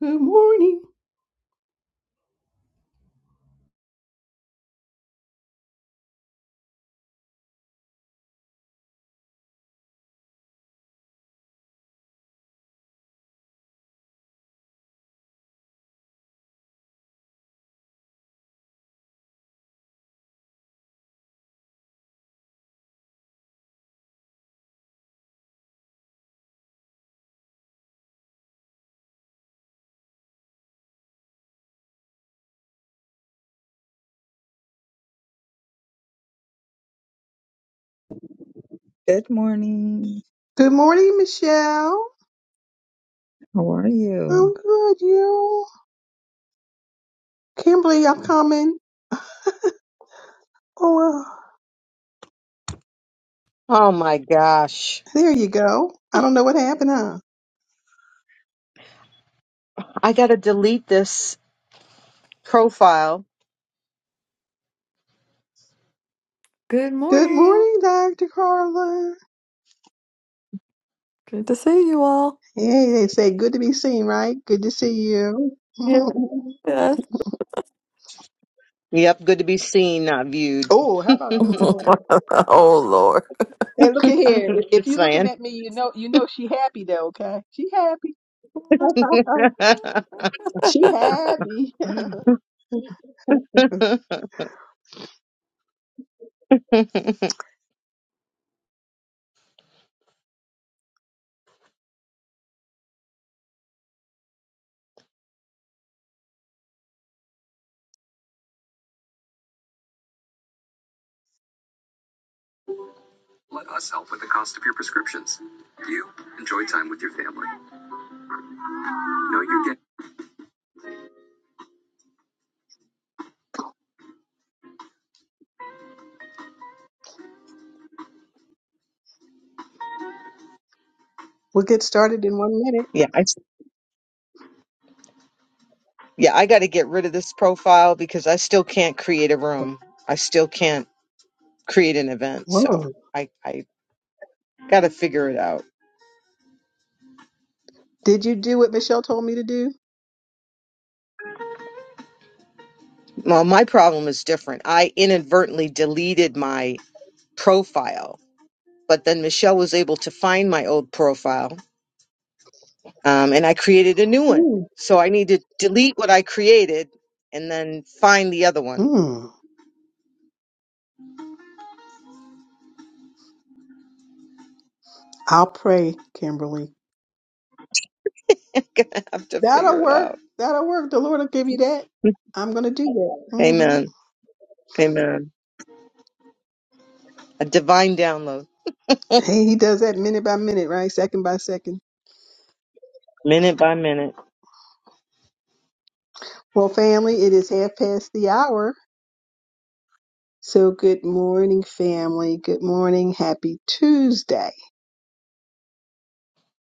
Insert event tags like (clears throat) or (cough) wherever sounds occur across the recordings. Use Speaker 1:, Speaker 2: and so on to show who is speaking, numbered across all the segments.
Speaker 1: Good morning.
Speaker 2: Good morning.
Speaker 1: Good morning, Michelle.
Speaker 2: How are you?
Speaker 1: I'm good, you. Kimberly, I'm coming. Oh, uh,
Speaker 3: Oh my gosh.
Speaker 1: there you go. I don't know what happened, huh?
Speaker 3: I got to delete this profile.
Speaker 4: Good
Speaker 1: Good
Speaker 4: morning.
Speaker 1: morning, Dr. Carla.
Speaker 4: Good to see you all.
Speaker 1: Hey, they say good to be seen, right? Good to see you. (laughs)
Speaker 4: Yes. Yes.
Speaker 3: Yep, good to be seen, not viewed.
Speaker 1: oh,
Speaker 3: (laughs)
Speaker 1: how about
Speaker 3: Just
Speaker 1: this,
Speaker 4: (laughs)
Speaker 1: Lord?
Speaker 4: Oh Lord.
Speaker 1: Hey, look at here. If you're looking
Speaker 3: saying.
Speaker 1: at me, you know, you know she happy though. Okay, she happy.
Speaker 3: (laughs)
Speaker 1: (laughs)
Speaker 3: yeah,
Speaker 1: she happy. (laughs)
Speaker 3: I
Speaker 1: We'll get started in one minute.
Speaker 3: s- yeah, I got to get rid of this profile because I still can't create a room. I still can't create an event, so
Speaker 1: Whoa.
Speaker 3: I I got to figure it out.
Speaker 1: Did you do what Michelle told me to do?
Speaker 3: Well, my problem is different. I inadvertently deleted my profile, but then Michelle was able to find my old profile um, and I created a new one.
Speaker 1: Hmm.
Speaker 3: So I need to delete what I created and then find the other one.
Speaker 1: Mm, I'll pray, Kimberly.
Speaker 3: (laughs) Gonna have to figure
Speaker 1: That'll
Speaker 3: it
Speaker 1: work.
Speaker 3: out.
Speaker 1: That'll work. The Lord will give you that. I'm going to do that. hmm
Speaker 3: Amen. Amen. A divine download,
Speaker 1: Hey, he does that minute by minute, right? Second by second.
Speaker 3: minute by minute.
Speaker 1: Well, family, it is half past the hour. So good morning, family. Good morning. Happy Tuesday.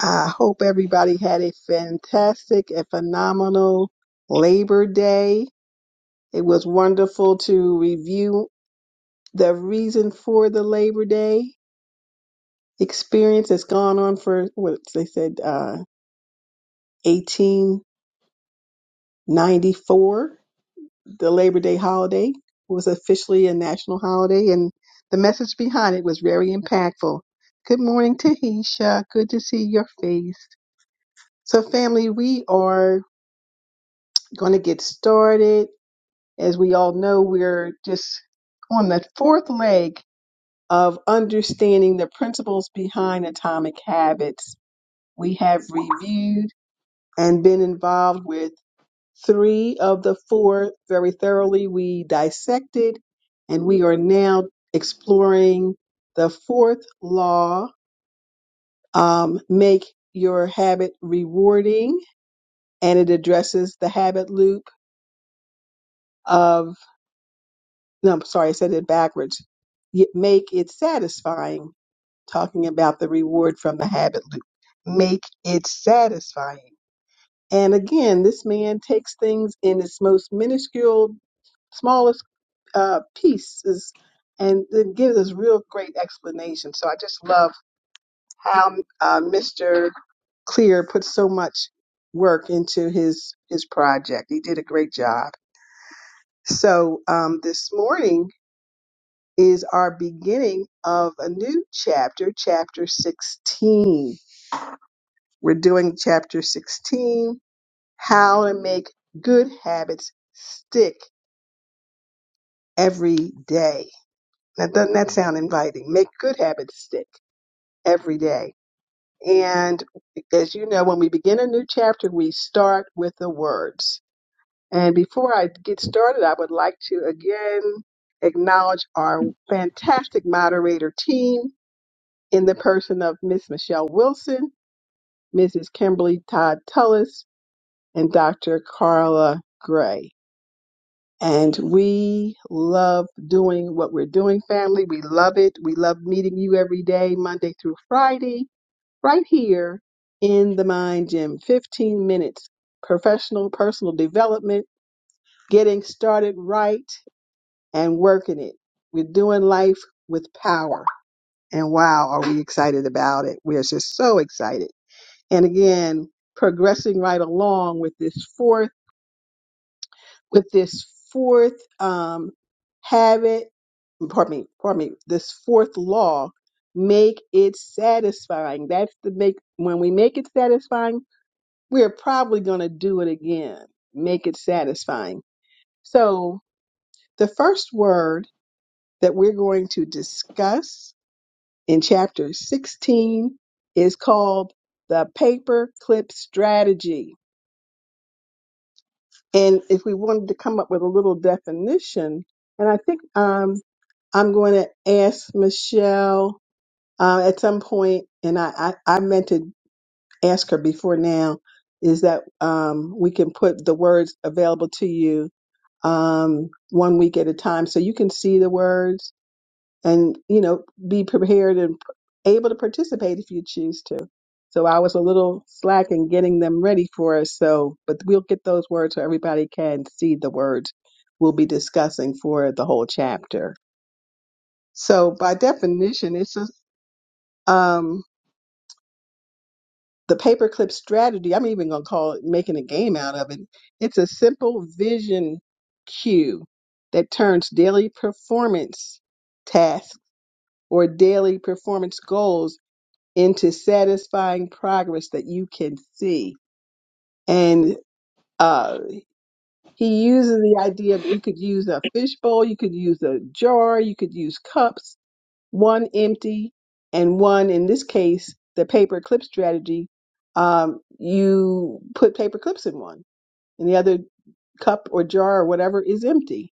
Speaker 1: I hope everybody had a fantastic and phenomenal Labor Day. It was wonderful to review the reason for the Labor Day experience that's gone on for what they said uh, 1894 the labor day holiday was officially a national holiday and the message behind it was very impactful good morning tahisha good to see your face so family we are going to get started as we all know we're just on the fourth leg of understanding the principles behind atomic habits we have reviewed and been involved with three of the four very thoroughly. We dissected, and we are now exploring the fourth law um, make your habit rewarding, and it addresses the habit loop of, no, I'm sorry, I said it backwards. Y- Make it satisfying, talking about the reward from the habit loop. Make it satisfying. And again, this man takes things in its most minuscule smallest uh, pieces, and it gives us real great explanation. So I just love how uh, Mr. Clear put so much work into his his project. He did a great job. So um, this morning is our beginning of a new chapter, chapter 16. We're doing chapter 16, how to make good habits stick every day. Now, doesn't that sound inviting? Make good habits stick. every day. And as you know, when we begin a new chapter, we start with the words. And before I get started, I would like to again acknowledge our fantastic moderator team in the person of Miss Michelle Wilson, Mrs. Kimberly Todd Tullis, and Dr. Carla Gray. And we love doing what we're doing, family. We love it. We love meeting you every day, Monday through Friday right here in the mind gym 15 minutes professional personal development getting started right and working it we're doing life with power and wow are we excited about it we're just so excited and again progressing right along with this fourth with this fourth um habit pardon me pardon me this fourth law make it satisfying that's the make when we make it satisfying we're probably going to do it again, make it satisfying. So, the first word that we're going to discuss in chapter 16 is called the paperclip strategy. And if we wanted to come up with a little definition, and I think um, I'm going to ask Michelle uh, at some point, and I, I, I meant to ask her before now is that um, we can put the words available to you um, one week at a time. So you can see the words and, you know, be prepared and able to participate if you choose to. So I was a little slack in getting them ready for us. So, but we'll get those words so everybody can see the words we'll be discussing for the whole chapter. So by definition, it's a, um, the paperclip strategy, I'm even going to call it making a game out of it. It's a simple vision cue that turns daily performance tasks or daily performance goals into satisfying progress that you can see. And uh, he uses the idea of you could use a fishbowl, you could use a jar, you could use cups one empty and one in this case the paper clip strategy um, you put paper clips in one and the other cup or jar or whatever is empty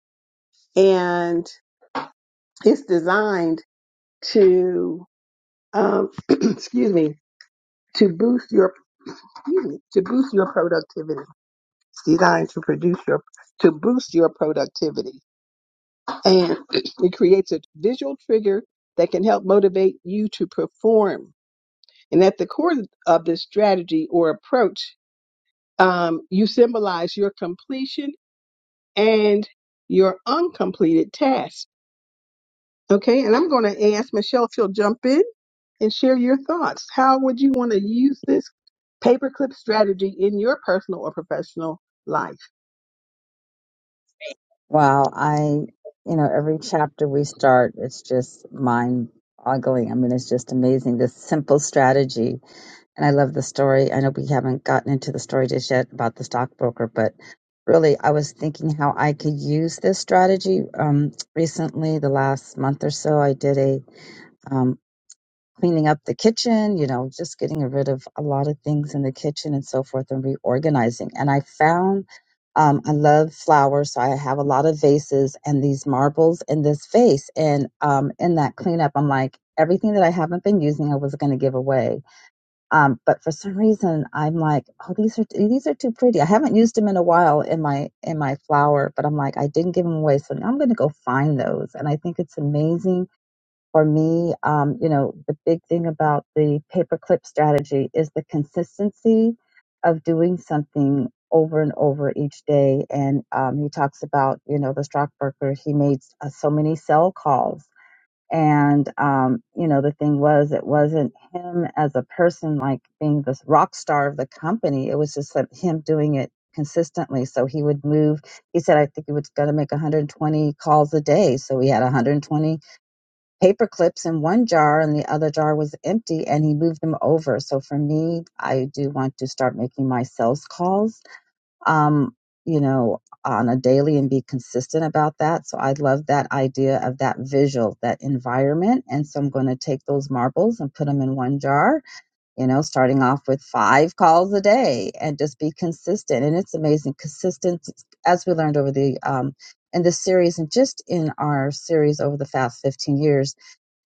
Speaker 1: and it's designed to um, (clears throat) excuse me to boost your excuse me, to boost your productivity it's designed to produce your to boost your productivity and (clears throat) it creates a visual trigger that can help motivate you to perform And at the core of this strategy or approach, um, you symbolize your completion and your uncompleted task. Okay, and I'm going to ask Michelle if she'll jump in and share your thoughts. How would you want to use this paperclip strategy in your personal or professional life?
Speaker 2: Wow, I, you know, every chapter we start, it's just mind-boggling. I mean, it's just amazing, this simple strategy. And I love the story. I know we haven't gotten into the story just yet about the stockbroker, but really, I was thinking how I could use this strategy. Um, recently, the last month or so, I did a um, cleaning up the kitchen, you know, just getting rid of a lot of things in the kitchen and so forth and reorganizing. And I found um, I love flowers, so I have a lot of vases and these marbles in this vase. And um, in that cleanup, I'm like, everything that I haven't been using, I was going to give away. Um, but for some reason, I'm like, oh, these are these are too pretty. I haven't used them in a while in my in my flower, but I'm like, I didn't give them away, so now I'm going to go find those. And I think it's amazing for me, um, you know, the big thing about the paperclip strategy is the consistency of doing something over and over each day. And um, he talks about, you know, the stockbroker, he made uh, so many sell calls. And, um, you know, the thing was, it wasn't him as a person like being this rock star of the company. It was just that him doing it consistently. So he would move. He said, I think he was going to make 120 calls a day. So he had 120 paper clips in one jar and the other jar was empty and he moved them over so for me i do want to start making my sales calls um you know on a daily and be consistent about that so i love that idea of that visual that environment and so i'm going to take those marbles and put them in one jar you know starting off with five calls a day and just be consistent and it's amazing consistent as we learned over the um in this series and just in our series over the past 15 years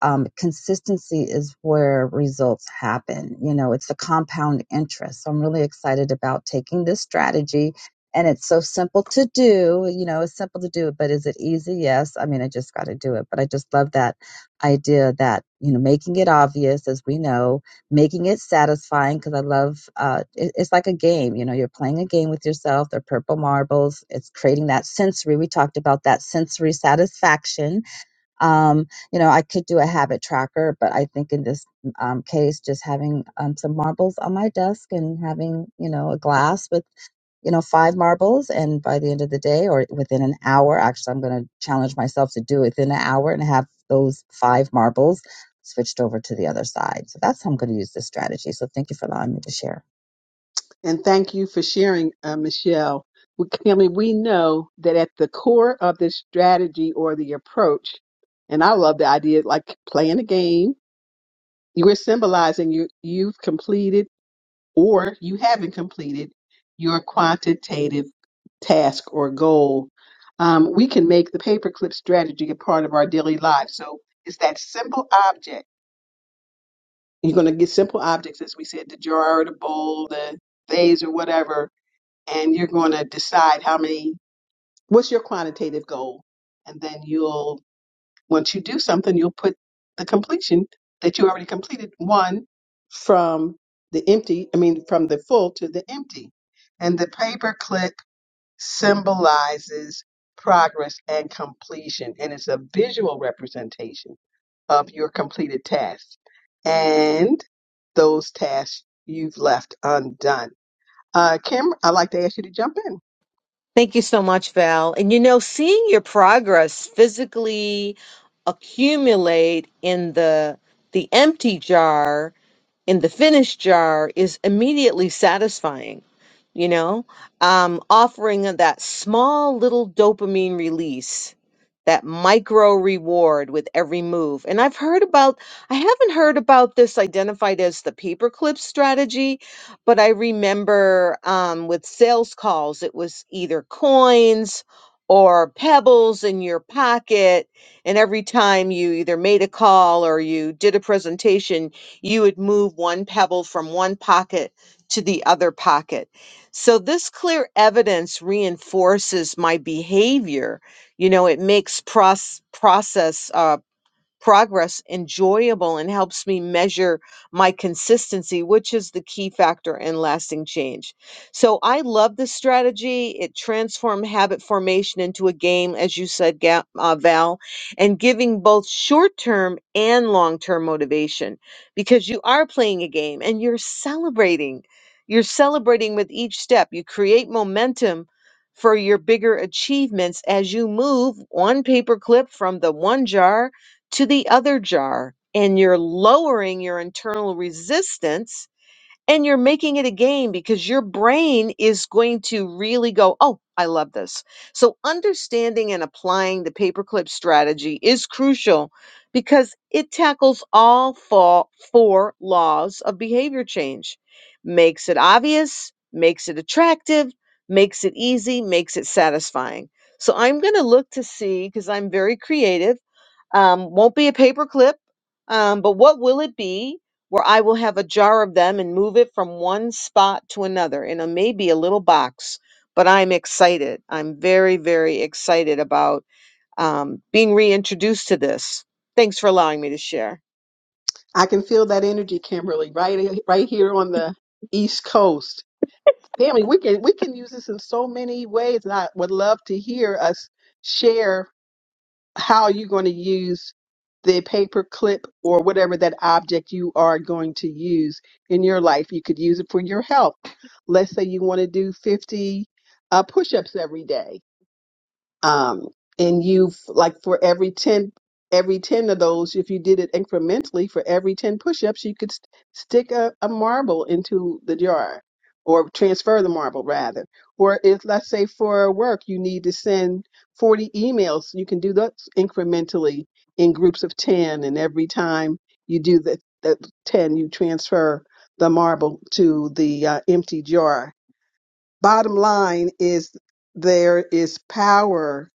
Speaker 2: um, consistency is where results happen. You know, it's the compound interest. So I'm really excited about taking this strategy. And it's so simple to do. You know, it's simple to do, but is it easy? Yes. I mean, I just got to do it. But I just love that idea that, you know, making it obvious, as we know, making it satisfying, because I love uh, it, it's like a game. You know, you're playing a game with yourself. They're purple marbles. It's creating that sensory. We talked about that sensory satisfaction um, you know, I could do a habit tracker, but I think in this um, case, just having um, some marbles on my desk and having, you know, a glass with, you know, five marbles. And by the end of the day or within an hour, actually, I'm going to challenge myself to do it within an hour and have those five marbles switched over to the other side. So that's how I'm going to use this strategy. So thank you for allowing me to share.
Speaker 1: And thank you for sharing, uh, Michelle. We, I mean, we know that at the core of this strategy or the approach, and I love the idea like playing a game you are symbolizing you you've completed or you haven't completed your quantitative task or goal. Um, we can make the paperclip strategy a part of our daily lives. So it's that simple object. You're going to get simple objects, as we said, the jar, the bowl, the vase, or whatever, and you're going to decide how many. What's your quantitative goal? And then you'll Once you do something, you'll put the completion that you already completed one from the empty, I mean, from the full to the empty. And the paper clip symbolizes progress and completion, and it's a visual representation of your completed tasks and those tasks you've left undone. Uh, Kim, I'd like to ask you to jump in.
Speaker 3: Thank you so much, Val. And you know, seeing your progress physically accumulate in the the empty jar, in the finished jar, is immediately satisfying you know, um, offering of that small little dopamine release, that micro reward with every move. And I've heard about, I haven't heard about this identified as the paperclip strategy, but I remember um, with sales calls, it was either coins or pebbles in your pocket. And every time you either made a call or you did a presentation, you would move one pebble from one pocket to the other pocket so this clear evidence reinforces my behavior. You know, it makes pros- process. uh, progress enjoyable and helps me measure my consistency, which is the key factor in lasting change. So I love this strategy. It transformed habit formation into a game, as you said, Ga- uh, Val, and giving both short term and long term motivation because you are playing a game and you're celebrating. You're celebrating with each step. You create momentum for your bigger achievements as you move one paperclip from the one jar to the other jar and you're lowering your internal resistance and you're making it a game because your brain is going to really go, oh, I love this. So understanding and applying the paperclip strategy is crucial because it tackles all fo- four laws of behavior change, makes it obvious, makes it attractive, makes it easy, makes it satisfying. So I'm going to look to see because I'm very creative. Um, won't be a paperclip, um, but what will it be? where I will have a jar of them and move it from one spot to another in a maybe a little box. But I'm excited. I'm very, very excited about um, being reintroduced to this. Thanks for allowing me to share.
Speaker 1: I can feel that energy, Kimberly, right right here on the East Coast. Family, we can we can use this in so many ways, and I would love to hear us share how you're going to use the paper clip or whatever that object you are going to use in your life. You could use it for your health. Let's say you want to do 50 uh, push-ups every day um, and you've like for every 10 every 10 of those if you did it incrementally for every 10 push-ups you could st- stick a, a marble into the jar or transfer the marble rather or if let's say for work you need to send 40 emails you can do that incrementally in groups of 10 and every time you do the, the 10 you transfer the marble to the uh, empty jar bottom line is there is power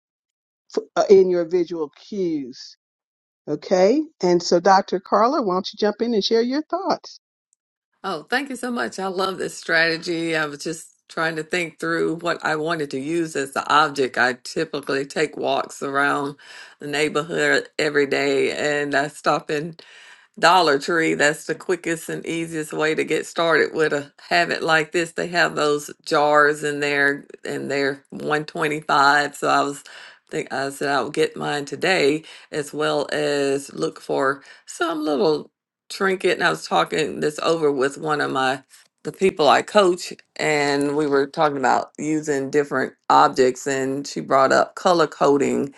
Speaker 1: f- uh, in your visual cues. Okay. And so, Dr. Carla, why don't you jump in and share your thoughts?
Speaker 4: Oh, thank you so much. I love this strategy. I was just trying to think through what I wanted to use as the object. I typically take walks around the neighborhood every day and I stop in. Dollar Tree. That's the quickest and easiest way to get started with a habit like this. They have those jars in there and they're 125. So I was think I said I'll get mine today as well as look for some little trinket. And I was talking this over with one of my the people I coach and we were talking about using different objects and she brought up color coding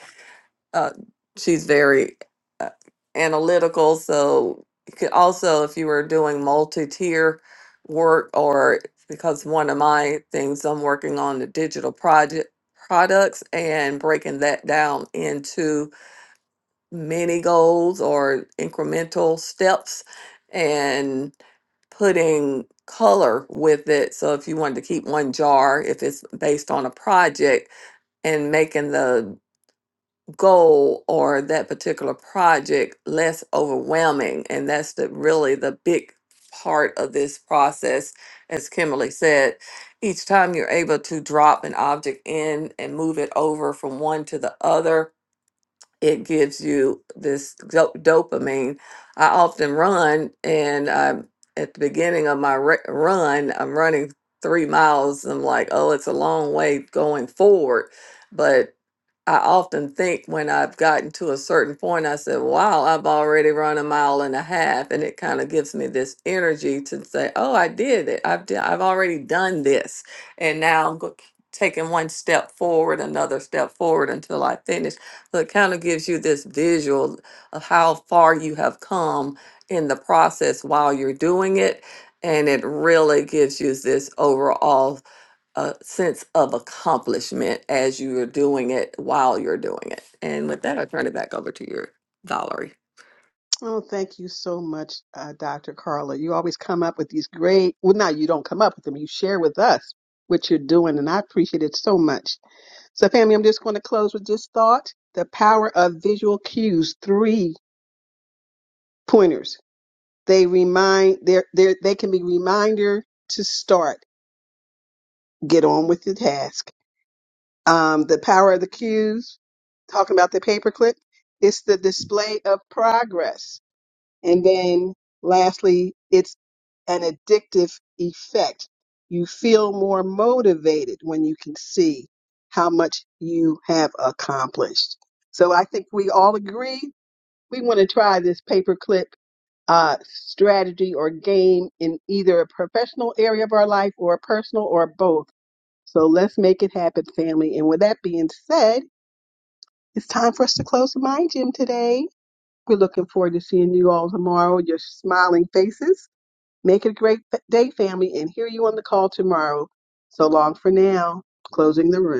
Speaker 4: uh, she's very uh, analytical. So you could also, if you were doing multi-tier work, or because one of my things I'm working on the digital project products and breaking that down into mini goals or incremental steps and putting color with it. So if you wanted to keep one jar, if it's based on a project, and making the goal or that particular project less overwhelming and that's the really the big part of this process as kimberly said each time you're able to drop an object in and move it over from one to the other it gives you this do- dopamine i often run and i'm at the beginning of my re- run i'm running three miles i'm like oh it's a long way going forward but I often think when I've gotten to a certain point, I said, wow, I've already run a mile and a half. And it kind of gives me this energy to say, oh, I did it. I've, d- I've already done this. And now I'm go- taking one step forward, another step forward until I finish. So it kind of gives you this visual of how far you have come in the process while you're doing it. And it really gives you this overall a sense of accomplishment as you are doing it while you're doing it. And with that, I turn it back over to your Valerie.
Speaker 1: Oh, thank you so much, uh, Dr. Carla. You always come up with these great, well, no, you don't come up with them. You share with us what you're doing, and I appreciate it so much. So, family, I'm just going to close with this thought the power of visual cues, three pointers. They remind, they're, they're, they can be reminder to start, get on with the task um, the power of the cues, talking about the paperclip. It's the display of progress. And then lastly, it's an addictive effect. You feel more motivated when you can see how much you have accomplished. So I think we all agree we want to try this paperclip uh, strategy or game in either a professional area of our life or personal or both so let's make it happen, family. And with that being said, it's time for us to close the mind gym today. We're looking forward to seeing you all tomorrow, your smiling faces. Make it a great day, family, and hear you on the call tomorrow. So long for now. Closing the room.